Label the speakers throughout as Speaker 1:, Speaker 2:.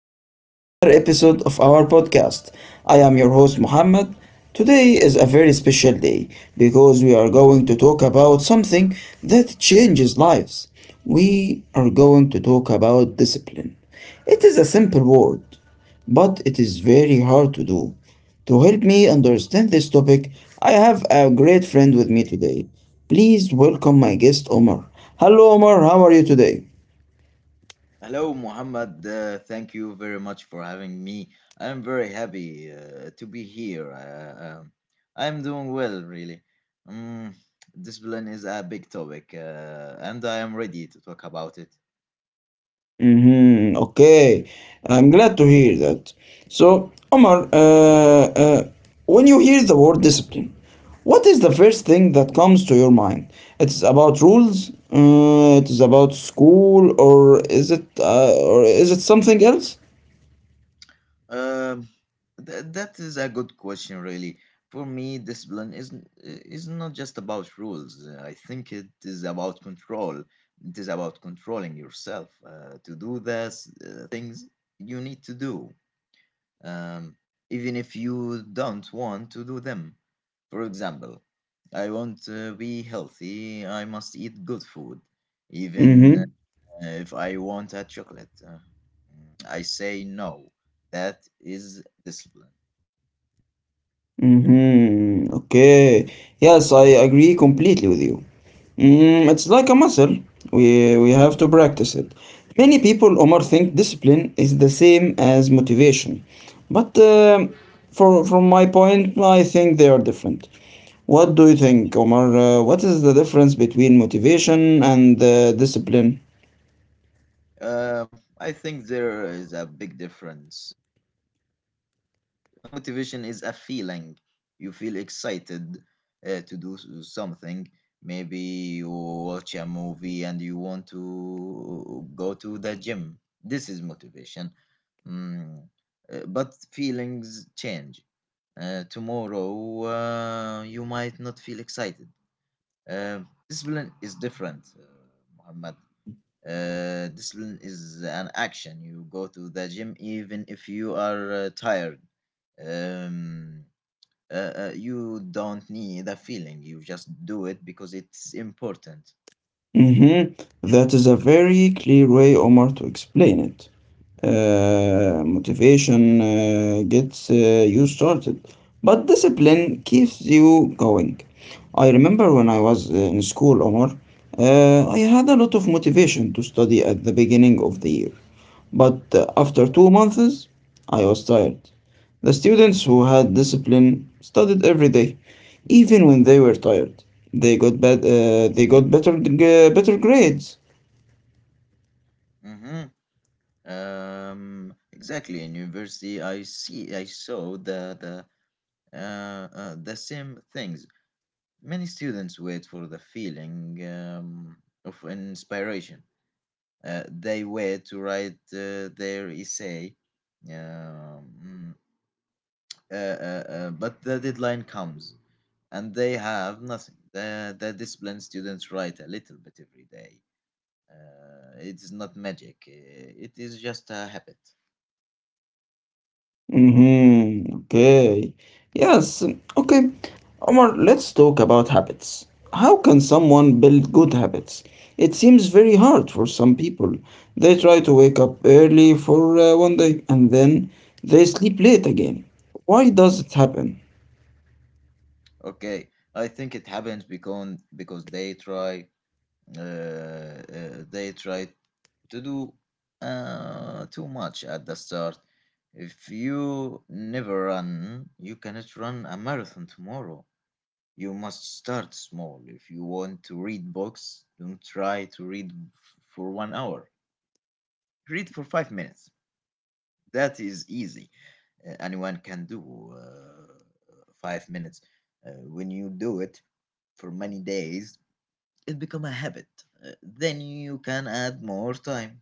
Speaker 1: back to another episode of our podcast. I am your host, Muhammad. Today is a very special day because we are going to talk about something that changes lives. We are going to talk about discipline. It is a simple word, but it is very hard to do. To help me understand this topic, I have a great friend with me today. Please welcome my guest, Omar. Hello, Omar, how are you today?
Speaker 2: Hello, Muhammad. Thank you very much for having me. I'm very happy to be here. I'm doing well, really. Um, Discipline is a big topic, and I am ready to talk about it.
Speaker 1: Mm-hmm. Okay, I'm glad to hear that. So, Omar, when you hear the word discipline, what is the first thing that comes to your mind? It's about rules. It is about school, or is it something else?
Speaker 2: Um, that is a good question, really. For me, discipline is not just about rules. I think it is about control. It is about controlling yourself to do things you need to do, um, even if you don't want to do them. For example, I want to be healthy, I must eat good food, even
Speaker 1: Mm-hmm.
Speaker 2: if I want a chocolate. I say no. That is discipline.
Speaker 1: Mm-hmm. Okay. Yes, I agree completely with you. Mm, it's like a muscle. We have to practice it. Many people, Omar, think discipline is the same as motivation, but for from my point, I think they are different. What do you think, Omar? What is the difference between motivation and discipline?
Speaker 2: I think there is a big difference, Muhammad. Motivation is a feeling. You feel excited to do something. Maybe you watch a movie and you want to go to the gym. This is motivation. Mm, but feelings change. Tomorrow, you might not feel excited. Uh, Discipline is different, Muhammad. Discipline is an action. You go to the gym even if you are tired. Um, you don't need a feeling. You just do it because it's important.
Speaker 1: Mhm. That is a very clear way, Omar, to explain it. Motivation gets you started, but discipline keeps you going. I remember when I was in school, Omar, I had a lot of motivation to study at the beginning of the year, but after 2 months, I was tired. The students who had discipline studied every day, even when they were tired. They got better grades.
Speaker 2: Mm-hmm. Exactly. In university, I saw the same things. Many students wait for the feeling of inspiration. They were to write their essay. Um, mm, but the deadline comes and they have nothing. The discipline students write a little bit every day. It is not magic, it is just a habit.
Speaker 1: Mm-hmm. Okay. Yes. Okay. Omar, let's talk about habits. How can someone build good habits? It seems very hard for some people. They try to wake up early for one day and then they sleep late again. Why does it happen?
Speaker 2: Okay, I think it happens because uh, uh, they try to do too much at the start. If you never run, you cannot run a marathon tomorrow. You must start small. If you want to read books, don't try to for one hour. Read for 5 minutes. That is easy. Anyone can do 5 minutes. When you do it for many days, it become a habit, then you can add more time.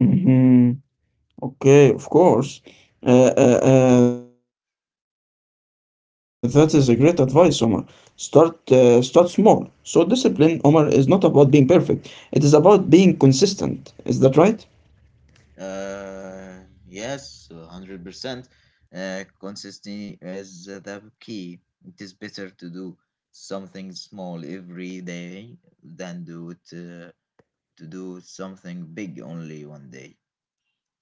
Speaker 1: Mm-hmm. Okay, of course. Uh, that is a great advice, Omar. Start small. So discipline, Omar, is not about being perfect. It is about being consistent. Is that right?
Speaker 2: Uh, yes, 100%. Consistency is the key. It is better to do something small every day than to do something big only one day.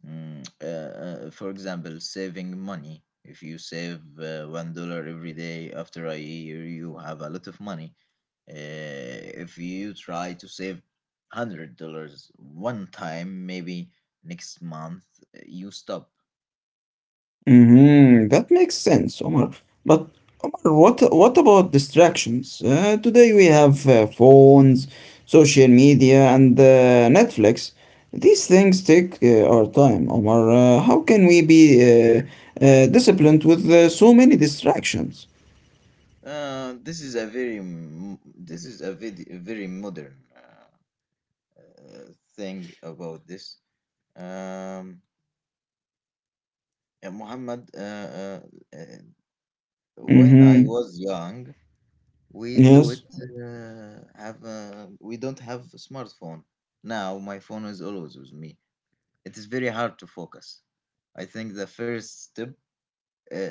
Speaker 2: For example, saving money. If you save $1 every day, after a year you have a lot of money. If you try to save $100 one time, maybe next month you stop.
Speaker 1: Mhm. That makes sense, Omar. But Omar, what about distractions? Today we have phones, social media, and Netflix. These things take our time, Omar. How can we be disciplined with so many distractions?
Speaker 2: This is a very modern thing about this. Um, Muhammad, uh, when I
Speaker 1: Mm-hmm.
Speaker 2: was young, we do
Speaker 1: Yes.
Speaker 2: it we don't have a smartphone. Now my phone is always with me, it is very hard to focus. I think the first step uh,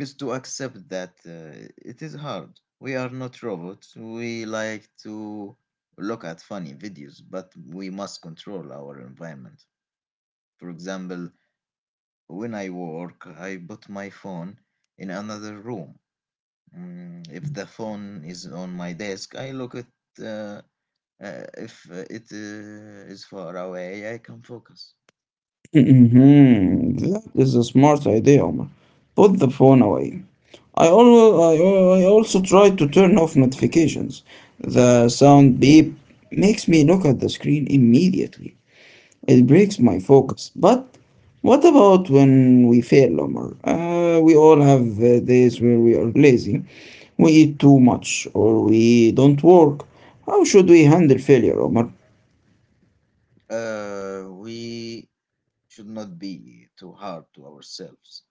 Speaker 2: is to accept that it is hard. We are not robots, we like to look at funny videos, but we must control our environment. For example, when I work I put my phone in another room. If the phone is on my desk I look at. uh, if it is far away, I can focus.
Speaker 1: Mhm. That is a smart idea, Omar. Put the phone away. I, always, I, al- I also try to turn off notifications. The sound beep makes me look at the screen immediately. It breaks my focus. But what about when we fail, Omar? We all have days where we are lazy, we eat too much, or we don't work. How should we handle failure, Omar?
Speaker 2: We should not be too hard to ourselves.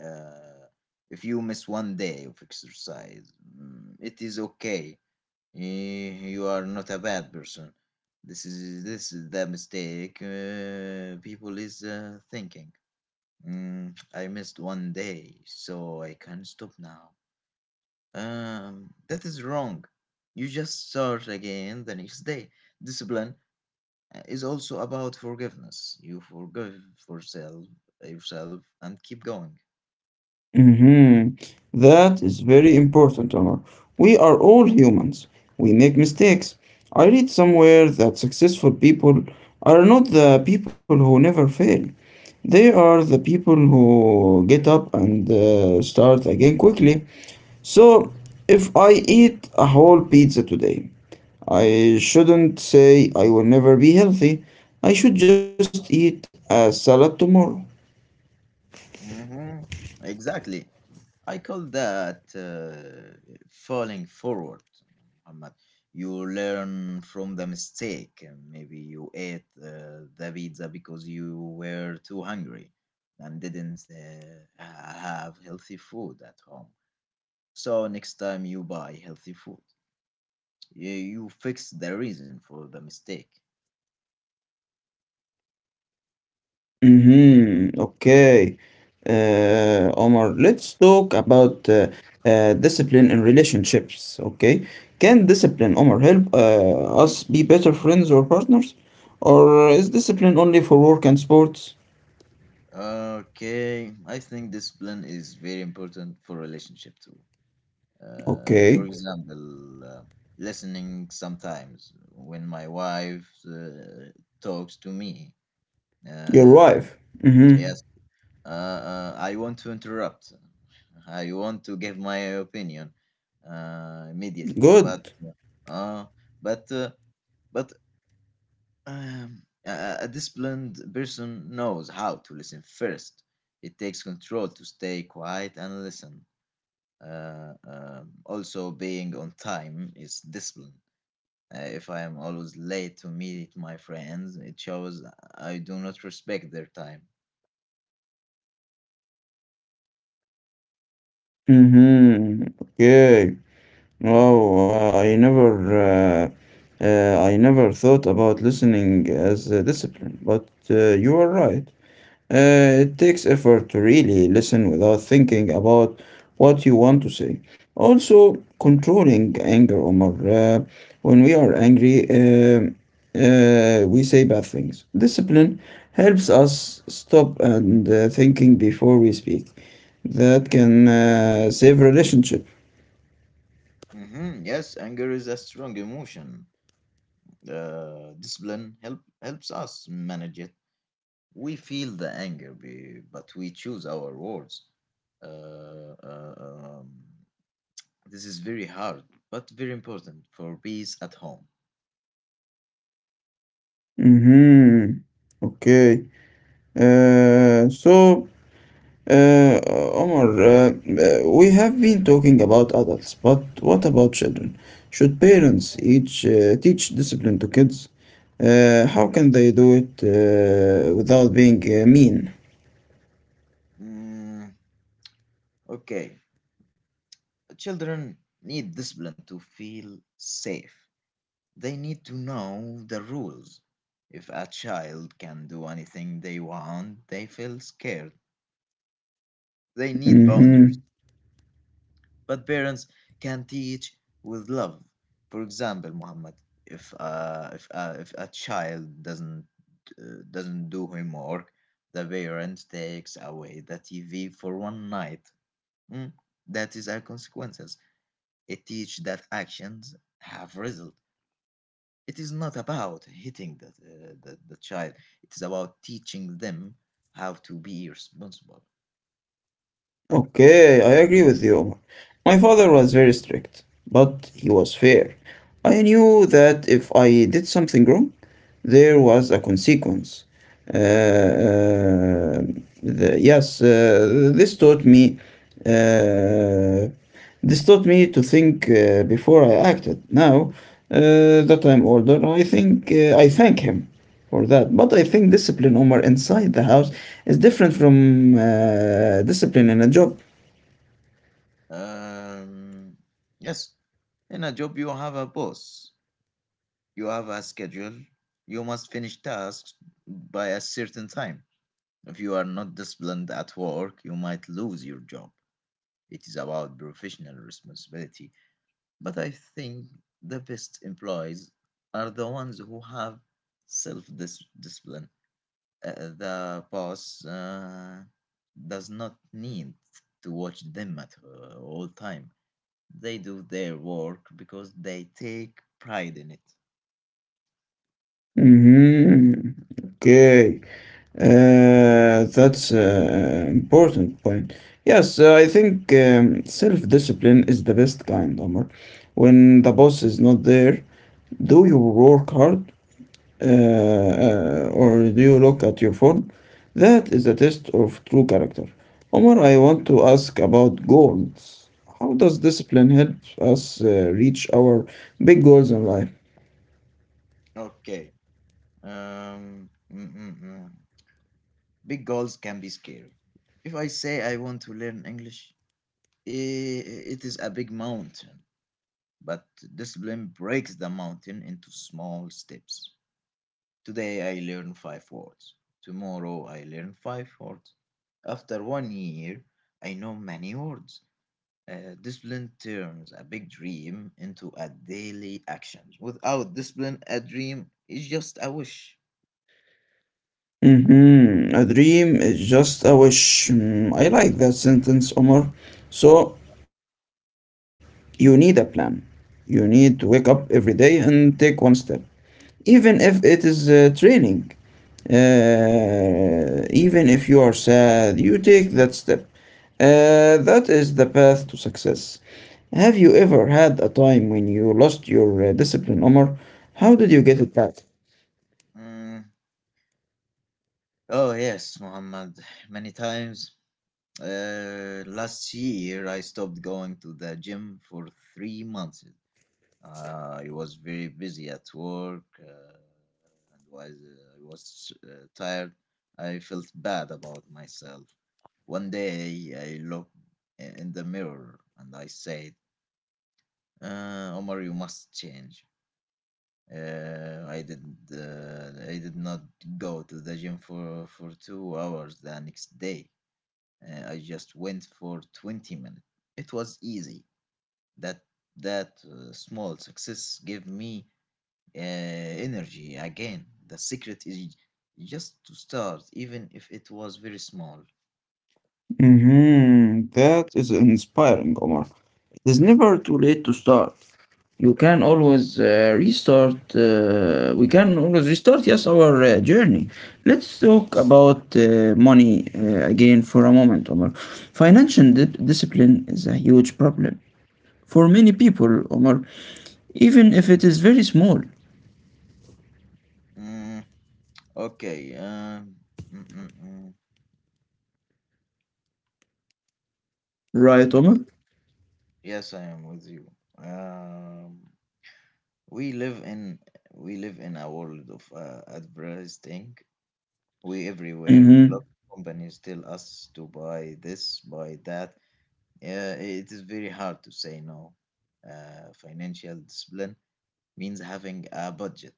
Speaker 2: Uh, if you miss one day of exercise, it is okay. You are not a bad person. This is the mistake people is thinking. I missed one day, so I can stop now. That is wrong. You just start again the next day. Discipline is also about forgiveness. You forgive yourself, yourself and keep going.
Speaker 1: Mhm. That is very important, Omar. We are all humans. We make mistakes. I read somewhere that successful people are not the people who never fail. They are the people who get up and start again quickly. So, if I eat a whole pizza today, I shouldn't say I will never be healthy. I should just eat a salad tomorrow.
Speaker 2: Hmm. Exactly. I call that falling forward, Muhammad. You learn from the mistake. Maybe you ate the pizza because you were too hungry and didn't have healthy food at home. So next time you buy healthy food, you fix the reason for the mistake.
Speaker 1: Mhm. Okay. Omar, let's talk about discipline in relationships. Okay. Can discipline, Omar, help us be better friends or partners? Or is discipline only for work and sports?
Speaker 2: Okay, I think discipline is very important for relationship too. For
Speaker 1: Okay.
Speaker 2: example, listening sometimes when my wife talks to me.
Speaker 1: Your
Speaker 2: Um,
Speaker 1: wife. Mm-hmm.
Speaker 2: yes, I want to interrupt. I want to give my opinion immediately,
Speaker 1: Good.
Speaker 2: uh, but uh, but a disciplined person knows how to listen first. It takes control to stay quiet and listen. Also, being on time is discipline. If I am always late to meet my friends, it shows I do not respect their time.
Speaker 1: Mm-hmm. Okay. Oh, uh, I never, uh, uh, I never thought about listening as a discipline, but you are right. It takes effort to really listen without thinking about what you want to say. Also, controlling anger, Omar. When we are angry, we say bad things. Discipline helps us stop and thinking before we speak. That can save relationship.
Speaker 2: Hmm. Yes, anger is a strong emotion. Discipline helps us manage it. We feel the anger, but we choose our words. uh, uh, um, This is very hard, but very important for peace at home.
Speaker 1: Mhm. Okay. Uh, so, Omar, we have been talking about adults, but what about children? Should parents each teach discipline to kids? How can they do it without being mean?
Speaker 2: Mm, okay. Children need discipline to feel safe. They need to know the rules. If a child can do anything they want, they feel scared. They need boundaries.
Speaker 1: Mm-hmm.
Speaker 2: But parents can teach with love. For example, Muhammad, if a child doesn't do homework, the parent takes away the TV for one night. Mm, That is our consequences. It teach that actions have result. It is not about hitting the child. It is about teaching them how to be responsible.
Speaker 1: Okay, I agree with you, Omar. My father was very strict, but he was fair. I knew that if I did something wrong, there was a consequence. Uh, uh, this taught me. Uh, this taught me to think before I acted. Now
Speaker 2: Mm.
Speaker 1: that I'm older, I think I thank him for that. But I think discipline, Omar, inside the house is different from discipline in a job.
Speaker 2: Um, yes, in a job you have a boss. You have a schedule. You must finish tasks by a certain time. If you are not disciplined at work, you might lose your job. It is about professional responsibility. But I think the best employees are the ones who have self discipline. Uh, the boss does not need to watch them at all time. They do their work because they take pride in it.
Speaker 1: Hmm. Okay. That's an important point. Yes, I think self-discipline is the best kind, Omar. When the boss is not there, do your work hard, or do you look at your phone? That is a test of true character. Omar, I want to ask about goals. How does discipline help us reach our big goals in life?
Speaker 2: Okay. Um, mm, mm, mm. Big goals can be scary. If I say I want to learn English, it is a big mountain, but discipline breaks the mountain into small steps. Today I learn five words. Tomorrow I learn five words. After one year, I know many words. Discipline turns a big dream into a daily action. Without discipline, a dream is just a wish.
Speaker 1: Mm-hmm. A dream is just a wish. Mm, I like that sentence, Omar. So, you need a plan. You need to wake up every day and take one step, even if it is training, even if you are sad, you take that step. That is the path to success. Have you ever had a time when you lost your discipline, Omar? How did you get it back?
Speaker 2: Mm, Oh, yes, Muhammad, many times. Last year, I stopped going to the gym for 3 months. I was very busy at work and I was tired. I felt bad about myself. One day, I looked in the mirror and I said, "Omar, you must change." I did. I did not go to the gym for 2 hours the next day. I just went for 20 minutes. It was easy. That that small success gave me uh, energy again. The secret is just to start, even if it was very small.
Speaker 1: Mm-hmm. That is inspiring, Omar. It is never too late to start. You can always restart we can always restart, yes, our journey. Let's talk about money again for a moment, Omar. Discipline is a huge problem for many people, Omar, even if it is very small.
Speaker 2: Mm, okay. Mm, mm, mm.
Speaker 1: Right, Omar?
Speaker 2: Mm, Yes, I am with you. Um, we live in we live in a world of advertising. We Everywhere we
Speaker 1: Mm-hmm.
Speaker 2: look, companies tell us to buy this, buy that. Yeah, it is very hard to say no. Financial discipline means having a budget.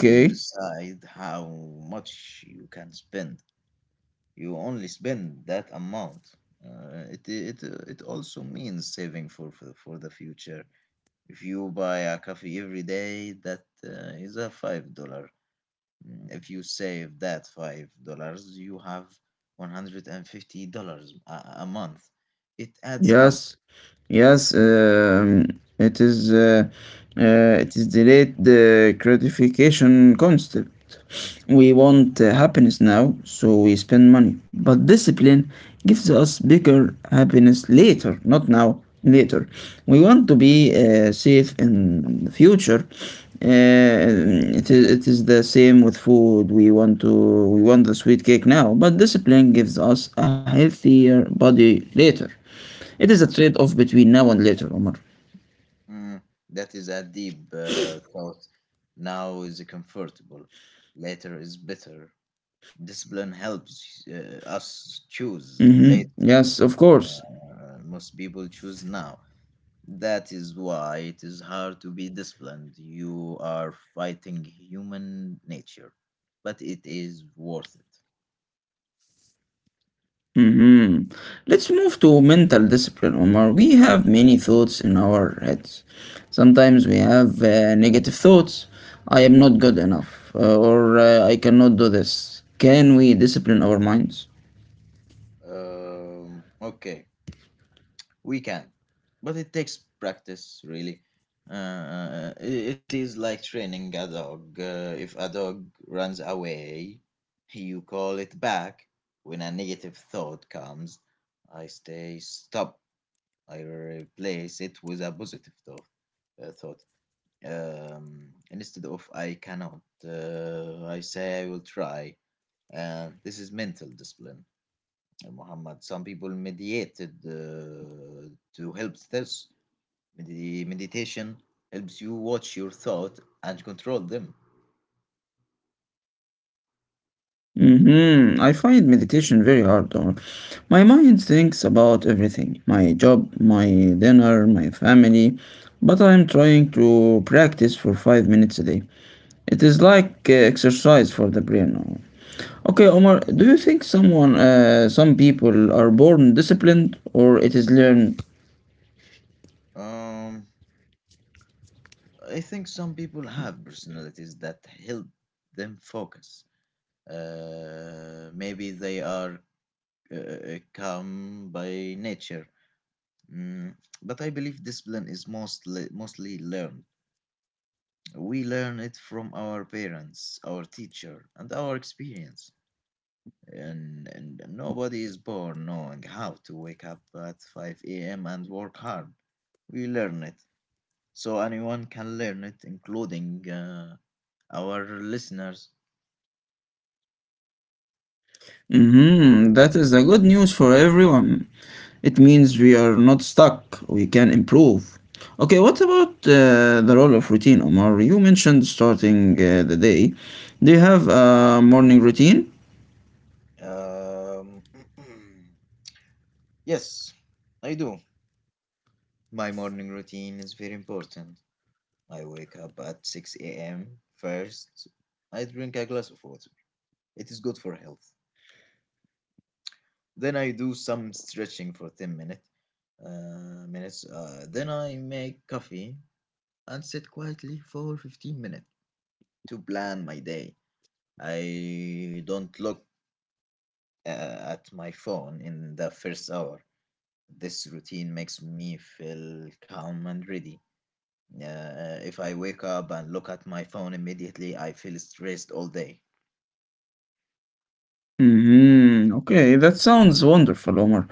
Speaker 2: You decide how much you can spend. You only spend that amount. It also means saving for the future. If you buy a coffee every day, that is a $5. If you save that $5, you have $150 a month. It adds up.
Speaker 1: Yes, yes, it is uh, it is delayed the gratification concept. We want happiness now, so we spend money. But discipline gives us bigger happiness later, not now, later. We want to be safe in the future. It is the same with food. We want the sweet cake now, but discipline gives us a healthier body later. It is a trade off between now and later, Omar.
Speaker 2: Mm, that is a deep thought. Now is comfortable, later is better. Discipline helps
Speaker 1: Mm-hmm.
Speaker 2: us
Speaker 1: Yes, of
Speaker 2: choose
Speaker 1: course.
Speaker 2: later. Most people choose now. That is why it is hard to be disciplined. You are fighting human nature, but it is worth it.
Speaker 1: Mm-hmm. Let's move to mental discipline, Omar. We have many thoughts in our heads. Sometimes we have negative thoughts. I am not good enough, or I cannot do this. Can we discipline our minds?
Speaker 2: Okay. We can, but it takes practice really. uh, i- it is like training a dog. If a dog runs away, you call it back. When a negative thought comes, I stay stop, I replace it with a positive thought. Instead of "I cannot," I say "I will try." This is mental discipline, Muhammad. Some people mediated to help this. Meditation helps you watch your thoughts and control them.
Speaker 1: Hmm. I find meditation very hard. Or my mind thinks about everything, my job, my dinner, my family, but I'm trying to practice for 5 minutes a day. It is like exercise for the brain. Okay, Omar,
Speaker 2: Mhm.
Speaker 1: do you think some people are born disciplined or it is learned?
Speaker 2: Um, I think some people have personalities that help them focus. Maybe they are calm by nature, mm, but I believe discipline is mostly learned. We learn it from our parents, our teacher, and our experience. And nobody is born knowing how to wake up at 5 a.m. and work hard. We learn it. So anyone can learn it, including our listeners.
Speaker 1: Mhm. That is the good news for everyone. It means we are not stuck. We can improve. Okay, what about the role of routine, Omar? You mentioned starting the day. Do you have a morning routine?
Speaker 2: Um, yes, I do. My morning routine is very important. I wake up at 6 a.m. First, I drink a glass of water. It is good for health. Then I do some stretching for 10 minutes. Then I make coffee and sit quietly for 15 minutes to plan my day. I don't look uh, at my phone in the first hour. This routine makes me feel calm and ready. If I wake up and look at my phone immediately, I feel stressed all day.
Speaker 1: Mhm. Okay, that sounds wonderful, Omar.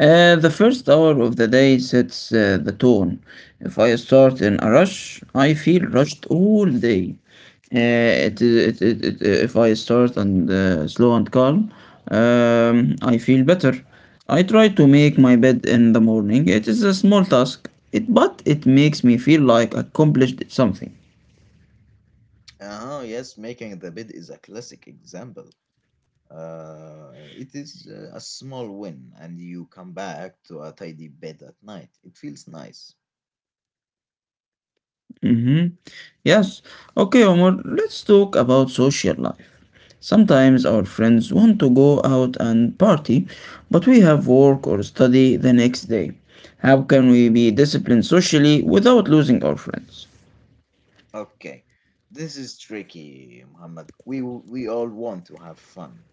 Speaker 1: The first hour of the day sets the tone. If I start in a rush, I feel rushed all day. If I start and slow and calm, I feel better. I try to make my bed in the morning. It is a small task, but it makes me feel like I accomplished something.
Speaker 2: Oh, yes, making the bed is a classic example. It is a small win, and you come back to a tidy bed at night. It feels nice.
Speaker 1: Mm-hmm. Yes. Okay, Omar, let's talk about social life. Sometimes our friends want to go out and party, but we have work or study the next day. How can we be disciplined socially without losing our friends?
Speaker 2: Okay, this is tricky, Muhammad. We all want to have fun,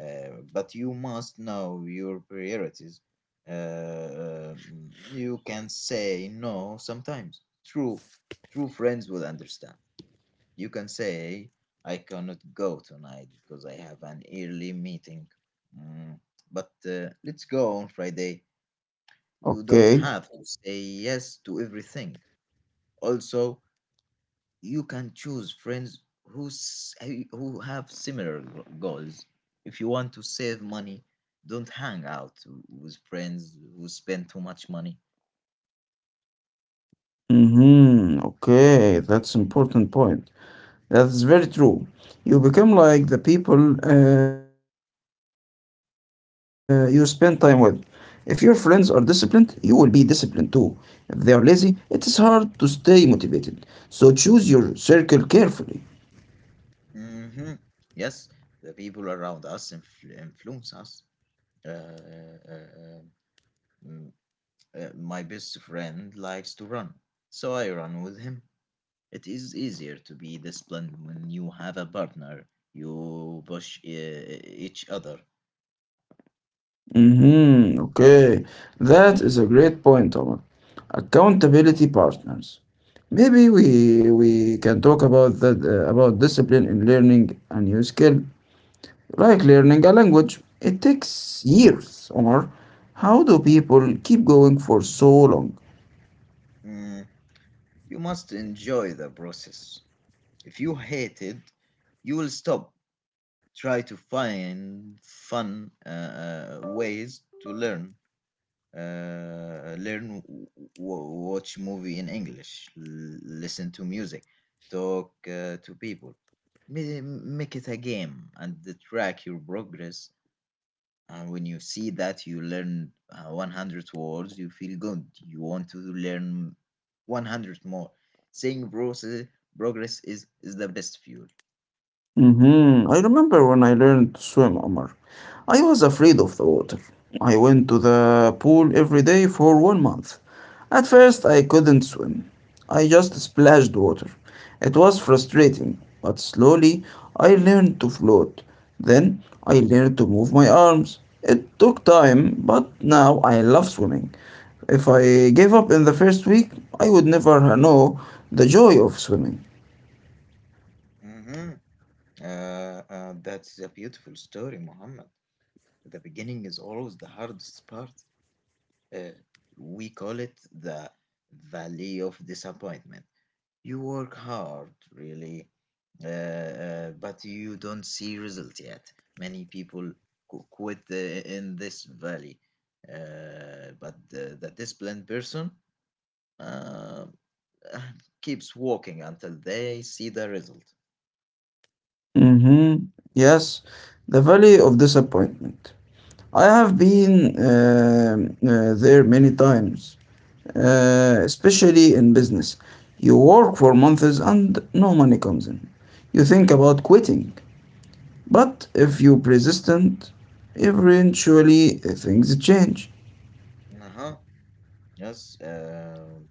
Speaker 2: but you must know your priorities. You can say no sometimes. True, True friends will understand. You can say, "I cannot go tonight because I have an early meeting." Mm, but let's go on Friday. You
Speaker 1: Okay.
Speaker 2: don't have to say yes to everything. Also, you can choose friends who have similar goals. If you want to save money, don't hang out with friends who spend too much money.
Speaker 1: Mm-hmm. Okay, that's important point. That's very true. You become like the people you spend time with. If your friends are disciplined, you will be disciplined too. If they are lazy, it is hard to stay motivated. So choose your circle carefully.
Speaker 2: hmm Yes, the people around us influence us. Uh, uh, uh, mm, my best friend likes to run, so I run with him. It is easier to be disciplined when you have a partner. You push each other.
Speaker 1: Mm-hmm. Okay, that is a great point, Omar. Accountability partners. Maybe we can talk about that, about discipline in learning a new skill. Like learning a language, it takes years. Or how do people keep going for so long?
Speaker 2: Mm, you must enjoy the process. If you hate it, you will stop. Try to find fun ways to learn. uh, learn w- Watch movie in English, listen to music, talk to people. Make it a game and track your progress. And when you see that you learn 100 words, you feel good. You want to learn 100 more. Seeing progress is the best fuel.
Speaker 1: Mm-hmm. I remember when I learned to swim, Omar. I was afraid of the water. I went to the pool every day for one month. At first, I couldn't swim. I just splashed water. It was frustrating, but slowly I learned to float. Then I learned to move my arms. It took time, but now I love swimming. If I gave up in the first week, I would never know the joy of swimming.
Speaker 2: Mm-hmm. Uh, that's a beautiful story, Muhammad. The beginning is always the hardest part. Uh, we call it the valley of disappointment. You work hard, really, but you don't see result yet. Many people quit in this valley, but the disciplined person uh, keeps walking until they see the result.
Speaker 1: Mm-hmm. Yes, the valley of disappointment. I have been there many times, especially in business. You work for months and no money comes in. You think about quitting, but if you persistent, eventually things change.
Speaker 2: Uh huh. Yes. Um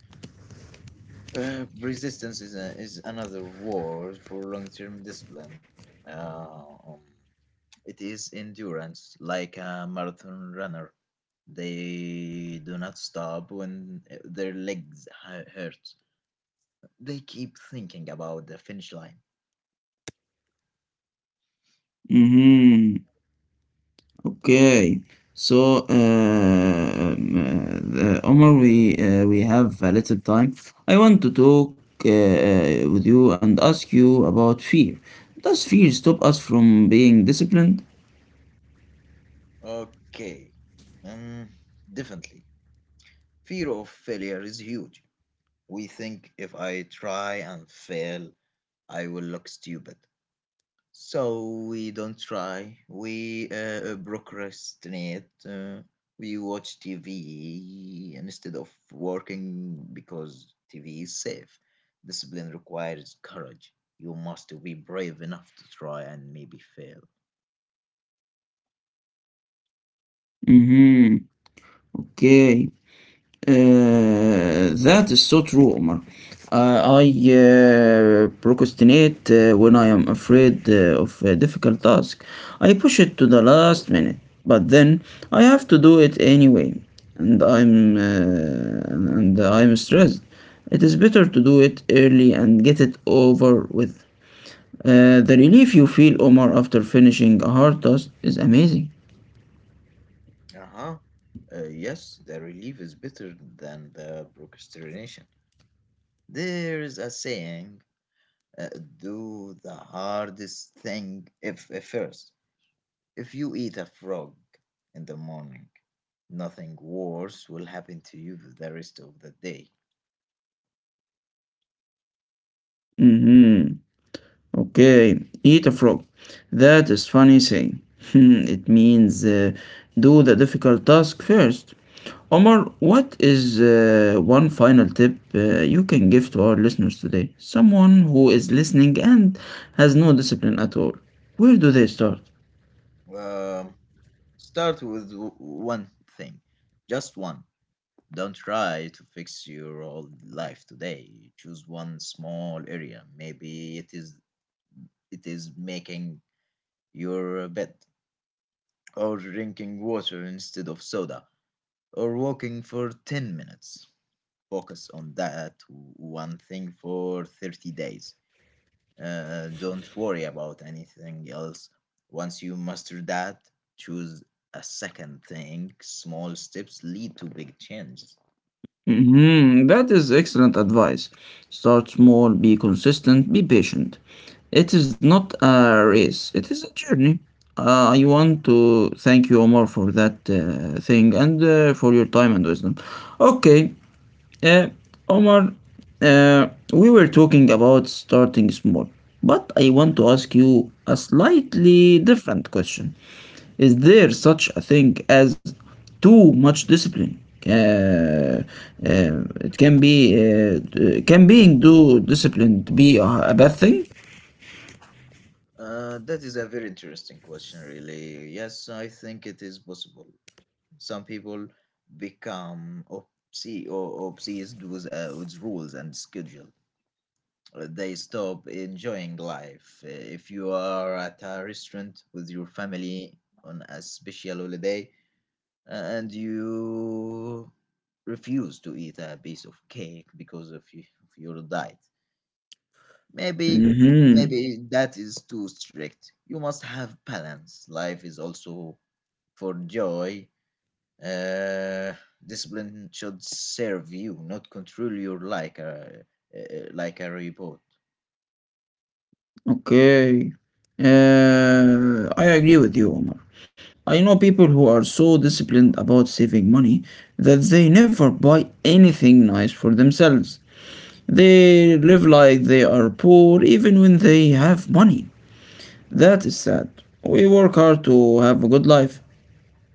Speaker 2: Uh, Resistance is another word for long-term discipline. Uh, um, it is endurance, like a marathon runner. They do not stop when their legs hurt. They keep thinking about the finish line.
Speaker 1: Mm-hmm. Okay, Omar, we have a little time. I want to talk with you and ask you about fear. Does fear stop us from being disciplined?
Speaker 2: Okay. Um, Definitely. Fear of failure is huge. We think if I try and fail, I will look stupid. So we don't try. We procrastinate. We watch TV instead of working because TV is safe. Discipline requires courage. You must be brave enough to try and maybe fail.
Speaker 1: Mm-hmm. Okay. That is so true, Omar. I procrastinate when I am afraid of a difficult task. I push it to the last minute, but then I have to do it anyway, and I'm stressed. It is better to do it early and get it over with. The relief you feel, Omar, after finishing a hard task is amazing.
Speaker 2: Uh-huh. Yes, the relief is better than the procrastination. There is a saying, uh, do the hardest thing if first. If you eat a frog in the morning, nothing worse will happen to you the rest of the day.
Speaker 1: Mm-hmm. Okay, eat a frog. That is funny saying. It means do the difficult task first. Omar, what is one final tip you can give to our listeners today? Someone who is listening and has no discipline at all. Where do they start?
Speaker 2: Um, Start with one thing, just one. Don't try to fix your whole life today. Choose one small area. Maybe it is making your bed, or drinking water instead of soda, or walking for 10 minutes. Focus on that one thing for 30 days. Don't worry about anything else. Once you master that, choose a second thing. Small steps lead to big changes.
Speaker 1: Mhm. That is excellent advice. Start small, be consistent, be patient. It is not a race, it is a journey. I want to thank you, Omar, for that thing and for your time and wisdom. Okay, uh, Omar, we were talking about starting small, but I want to ask you a slightly different question. Is there such a thing as too much discipline? Uh, it can be Can being too disciplined be a bad thing?
Speaker 2: That is a very interesting question, really. Yes, I think it is possible. Some people become ob- see or obsessed with rules and schedule, they stop enjoying life. If you are at a restaurant with your family on a special holiday and you refuse to eat a piece of cake because of your diet, maybe
Speaker 1: Mm-hmm.
Speaker 2: maybe that is too strict. You must have balance. Life is also for joy. Uh, discipline should serve you, not control your like a robot.
Speaker 1: Okay. I agree with you, Omar. I know people who are so disciplined about saving money that they never buy anything nice for themselves. They live like they are poor even when they have money. That is sad. We work hard to have a good life,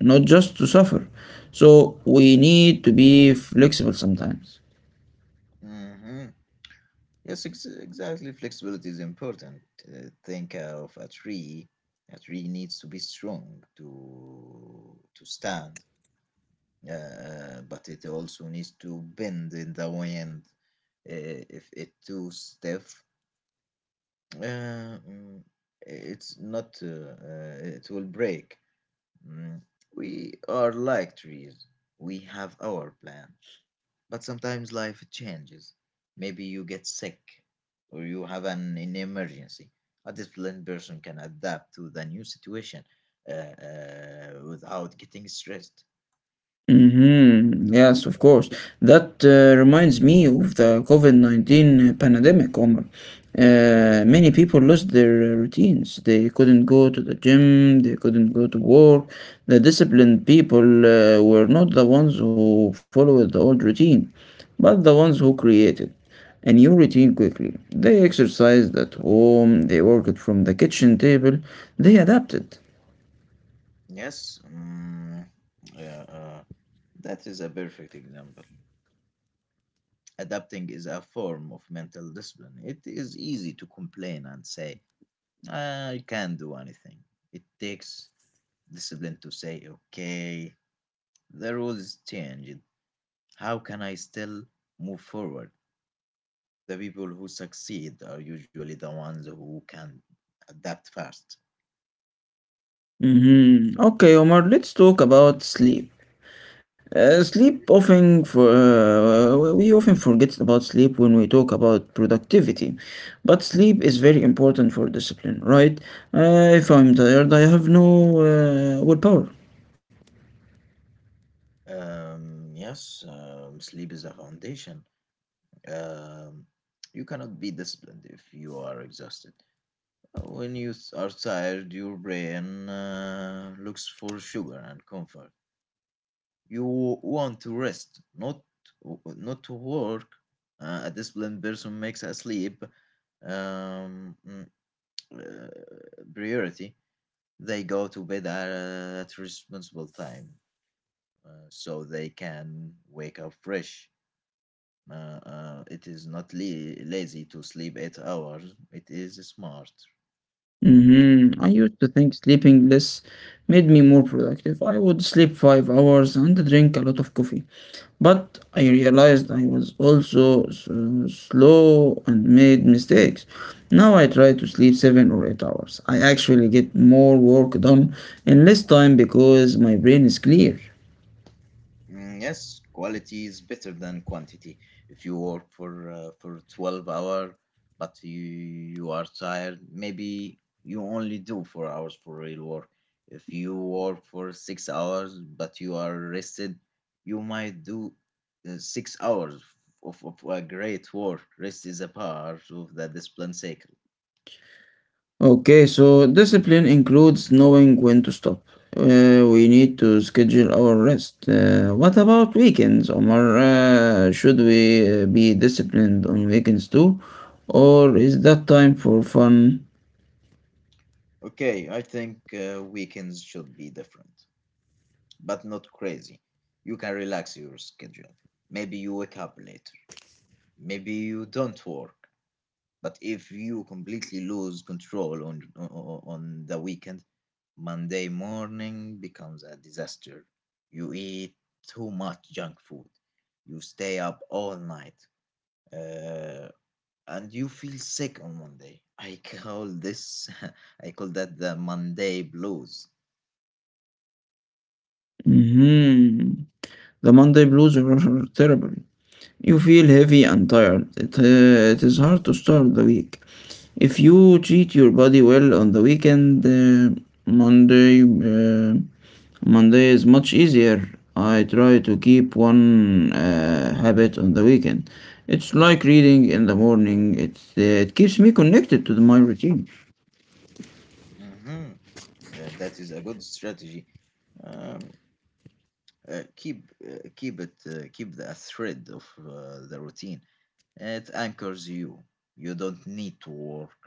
Speaker 1: not just to suffer. So we need to be flexible sometimes.
Speaker 2: Mhm. Yes, exactly. Flexibility is important. Think of a tree. A tree needs to be strong to stand, but it also needs to bend in the wind. If it too stiff, uh, mm, it's not. It will break. Mm. We are like trees. We have our plan. But sometimes life changes. Maybe you get sick or you have an emergency. A disciplined person can adapt to the new situation without getting stressed.
Speaker 1: Mm-hmm. Yes, of course. That reminds me of the COVID-19 pandemic, Omar. Many people lost their routines. They couldn't go to the gym, they couldn't go to work. The disciplined people were not the ones who followed the old routine, but the ones who created a new routine quickly. They exercised at home, they worked from the kitchen table, they adapted.
Speaker 2: Yes, uh, uh, that is a perfect example. Adapting is a form of mental discipline. It is easy to complain and say, "Ah, I can't do anything. It takes discipline to say, okay, the rules changed. How can I still move forward? The people who succeed are usually the ones who can adapt fast.
Speaker 1: Mm-hmm. Okay, Omar, let's talk about sleep. Sleep often for we often forget about sleep when we talk about productivity, but sleep is very important for discipline, right? If I'm tired, I have no willpower.
Speaker 2: Yes, sleep is a foundation. Um, you cannot be disciplined if you are exhausted. When are tired, your brain looks for sugar and comfort. You want to rest, not to work. A disciplined person makes a sleep um, mm, uh, priority, they go to bed at responsible time, so they can wake up fresh. Uh, it is not lazy to sleep 8 hours. It is smart.
Speaker 1: Hmm, I used to think sleeping less made me more productive. I would sleep 5 hours and drink a lot of coffee. But I realized I was also slow and made mistakes. Now I try to sleep 7 or 8 hours. I actually get more work done in less time because my brain is clear.
Speaker 2: Yes, quality is better than quantity. If you work for 12 hour, but you are tired, maybe you only do 4 hours for real work. If you work for 6 hours but you are rested, you might do 6 hours of a great work. Rest is a part of the discipline cycle.
Speaker 1: Okay, so discipline includes knowing when to stop. We need to schedule our rest. What about weekends, Omar? Should we be disciplined on weekends too? Or is that time for fun?
Speaker 2: Okay, I think weekends should be different, but not crazy. You can relax your schedule. Maybe you wake up later. Maybe you don't work. But if you completely lose control on the weekend, Monday morning becomes a disaster. You eat too much junk food. You stay up all night. Uh, and you feel sick on Monday. I call this, I call that the Monday blues.
Speaker 1: Mhm. The Monday blues are terrible. You feel heavy and tired. It is hard to start the week. If you treat your body well on the weekend, Monday, uh, Monday is much easier. I try to keep one habit on the weekend. It's like reading in the morning. It keeps me connected to my routine.
Speaker 2: Mhm. That is a good strategy. Um, Keep the a thread of the routine. It anchors you. You don't need to work,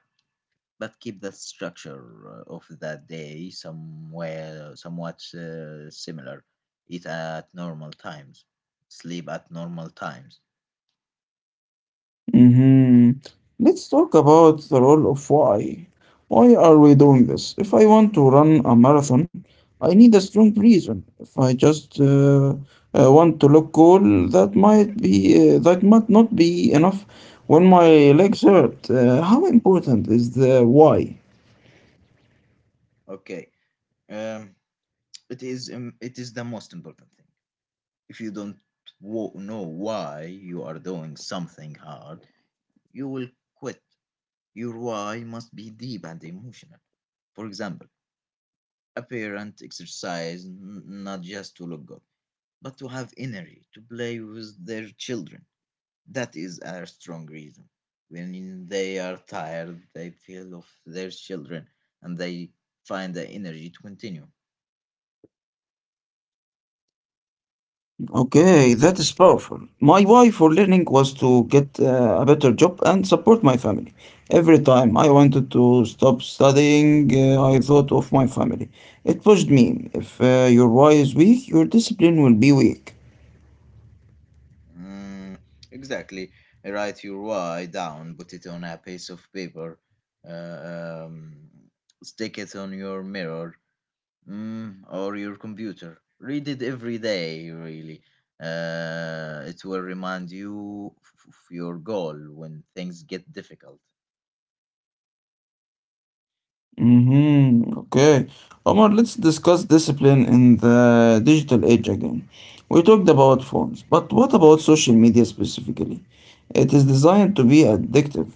Speaker 2: but keep the structure of that day somewhere somewhat similar. Eat at normal times, sleep at normal times.
Speaker 1: Mhm. Let's talk about the role of why. Why are we doing this? If I want to run a marathon, I need a strong reason. If I just want to look cool, that might not be enough when my legs hurt. How important is the why?
Speaker 2: Okay. Um, it is the most important thing. If you don't know why you are doing something hard, you will quit. Your why must be deep and emotional. For example, a parent exercises not just to look good, but to have energy to play with their children. That is a strong reason. When they are tired, they feel of their children and they find the energy to continue.
Speaker 1: Okay, that is powerful. My why for learning was to get a better job and support my family. Every time I wanted to stop studying, I thought of my family. It pushed me. If your why is weak, your discipline will be weak.
Speaker 2: Mm, exactly. Write your why down, put it on a piece of paper, uh, um, stick it on your mirror, or your computer. Read it every day, really. It will remind you your goal when things get difficult.
Speaker 1: Mm-hmm. Okay. Omar, let's discuss discipline in the digital age again. We talked about phones, but what about social media specifically? It is designed to be addictive.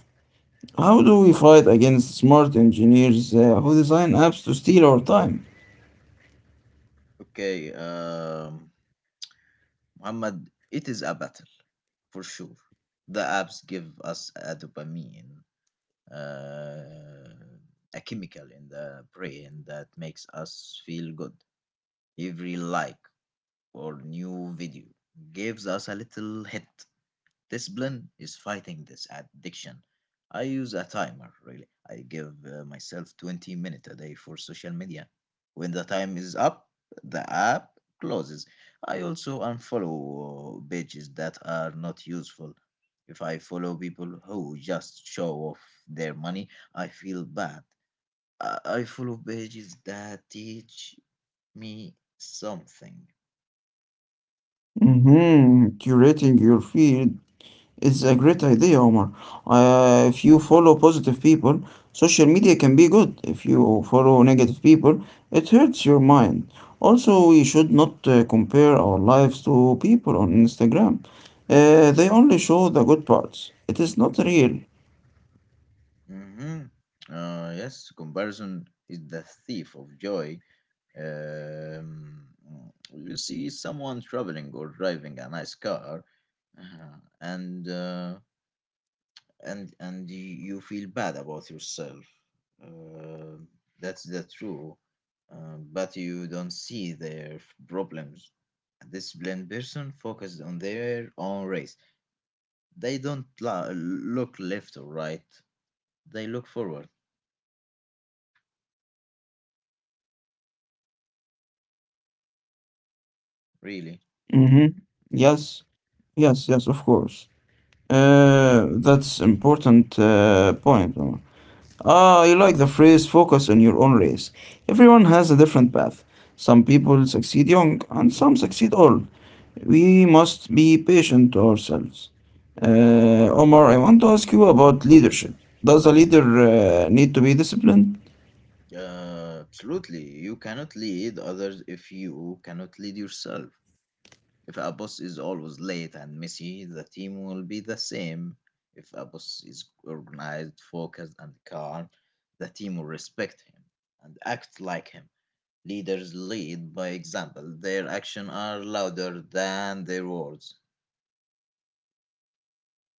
Speaker 1: How do we fight against smart engineers who design apps to steal our time?
Speaker 2: Okay, Muhammad, it is a battle for sure. The apps give us a dopamine, uh, a chemical in the brain that makes us feel good. Every like or new video gives us a little hit. Discipline is fighting this addiction. I use a timer, really. I give myself 20 minutes a day for social media. When the time is up, the app closes. I also unfollow pages that are not useful. If I follow people who just show off their money, I feel bad. I follow pages that teach me something.
Speaker 1: Hmm, curating your feed is a great idea, Omar. If you follow positive people, social media can be good. If you follow negative people, it hurts your mind. Also, we should not compare our lives to people on Instagram. They only show the good parts. It is not real.
Speaker 2: hmm yes, comparison is the thief of joy. Um, you see someone traveling or driving a nice car, uh, and uh, and you feel bad about yourself. Uh, that's the true, but you don't see their problems. A disciplined person focused on their own race. They don't look left or right. They look forward.
Speaker 1: Hmm.
Speaker 2: Really.
Speaker 1: Yes, yes, yes, of course. That's important point, Omar. Ah, I like the phrase focus on your own race. Everyone has a different path. Some people succeed young and some succeed old. We must be patient to ourselves. Omar, I want to ask you about leadership. Does a leader need to be disciplined?
Speaker 2: Absolutely. You cannot lead others if you cannot lead yourself. If a boss is always late and messy, the team will be the same. If a boss is organized, focused, and calm, the team will respect him and act like him. Leaders lead by example. Their actions are louder than their words.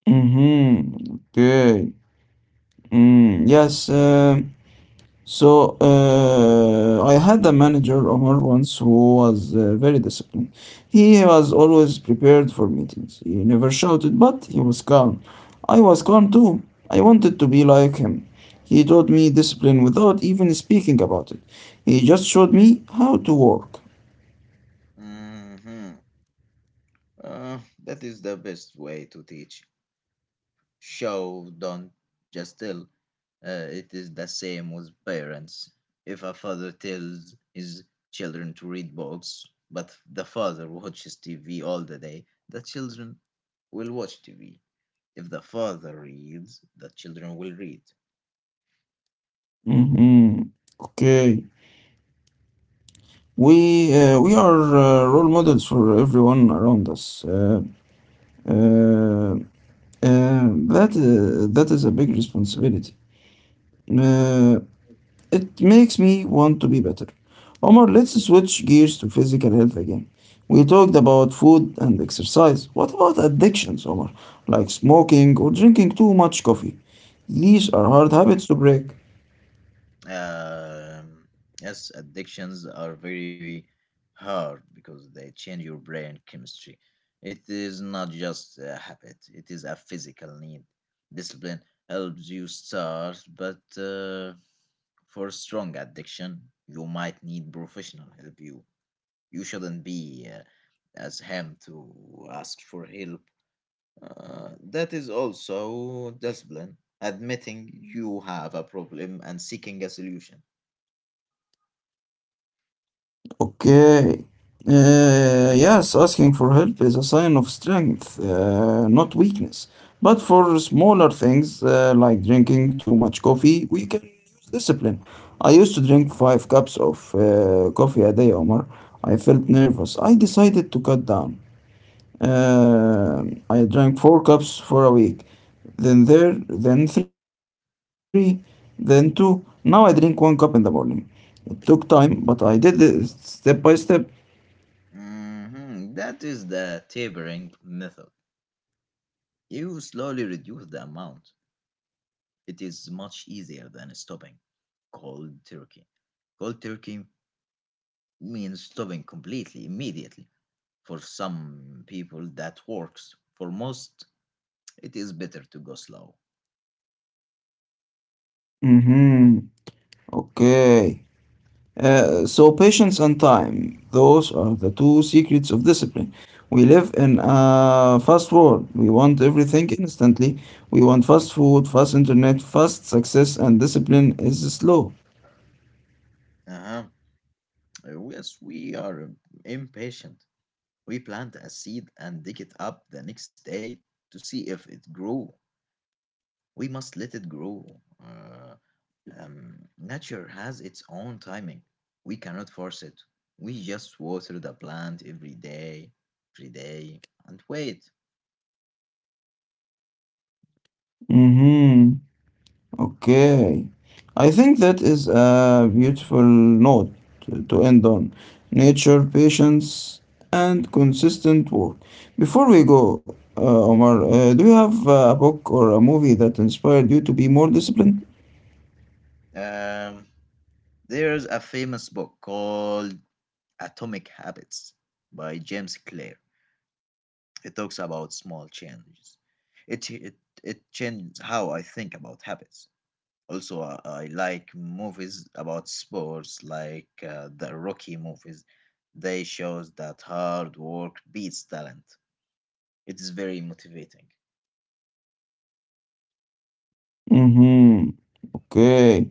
Speaker 1: Mm-hmm. Okay. Mm, yes. So I had a manager, Omar, once who was very disciplined. He was always prepared for meetings. He never shouted, but he was calm. I was calm too. I wanted to be like him. He taught me discipline without even speaking about it. He just showed me how to work.
Speaker 2: hmm Uh, that is the best way to teach. Show don't just tell. It is the same with parents. If a father tells his children to read books, but the father watches TV all the day, the children will watch TV. If the father reads, the children will read.
Speaker 1: Mm-hmm. Okay. We we are role models for everyone around us. Uh, that is a big responsibility. Uh, it makes me want to be better. Omar, let's switch gears to physical health again. We talked about food and exercise. What about addictions, Omar? Like smoking or drinking too much coffee? These are hard habits to break.
Speaker 2: Um, yes, addictions are very hard because they change your brain chemistry. It is not just a habit, it is a physical need. Discipline helps you start, but for strong addiction, you might need professional help. You shouldn't be as him to ask for help. That is also discipline, admitting you have a problem and seeking a solution.
Speaker 1: Okay. Yes, asking for help is a sign of strength, not weakness. But for smaller things like drinking too much coffee, we can use discipline. I used to drink five cups of coffee a day, Omar. I felt nervous. I decided to cut down. Uh, I drank four cups for a week, then three, then two. Now I drink one cup in the morning. It took time, but I did it step by step.
Speaker 2: Mhm. That is the tapering method. You slowly reduce the amount. It is much easier than stopping cold turkey. Cold turkey means stopping completely, immediately. For some people, that works. For most, it is better to go slow.
Speaker 1: Mm-hmm. Okay. So patience and time, those are the two secrets of discipline. We live in a fast world. We want everything instantly. We want fast food, fast internet, fast success, and discipline is slow.
Speaker 2: Uh-huh. Yes, we are impatient. We plant a seed and dig it up the next day to see if it grew. We must let it grow. Nature has its own timing. We cannot force it. We just water the plant every day, and wait.
Speaker 1: Mm-hmm. Okay. I think that is a beautiful note to end on. Nature, patience, and consistent work. Before we go, Omar, do you have a book or a movie that inspired you to be more disciplined?
Speaker 2: Um, there's a famous book called Atomic Habits by James Clear. It talks about small changes. It, it, it changes how I think about habits. Also, I like movies about sports, like the Rocky movies. They shows that hard work beats talent. It is very motivating.
Speaker 1: Mm-hmm. Okay.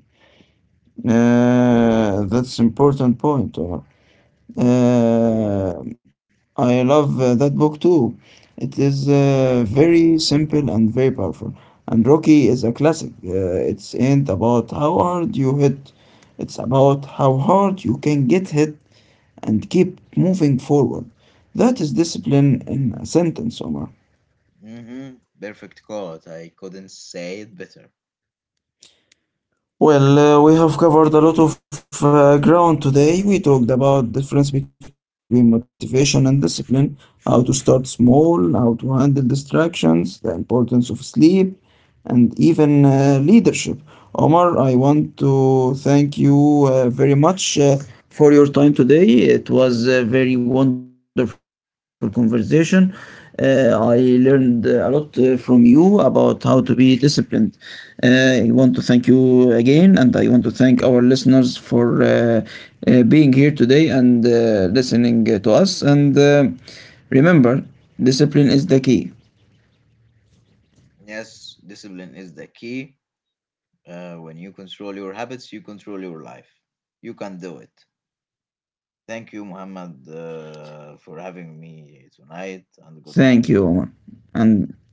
Speaker 1: That's important point, Omar. Uh, I love that book too. It is very simple and very powerful. And Rocky is a classic. It's ain't about how hard you hit. It's about how hard you can get hit and keep moving forward. That is discipline in a sentence, Omar.
Speaker 2: hmm Perfect quote. I couldn't say it better.
Speaker 1: Well, we have covered a lot of ground today. We talked about difference between motivation and discipline, how to start small, how to handle distractions, the importance of sleep, and even leadership. Omar, I want to thank you very much for your time today. It was a very wonderful conversation. I learned a lot from you about how to be disciplined. I want to thank you again, and I want to thank our listeners for being here today and listening to us. And remember, discipline is the key.
Speaker 2: Yes, discipline is the key. When you control your habits, you control your life. You can do it. Thank you, Muhammad, for having me tonight, and goodbye.
Speaker 1: Thank you, Omar, and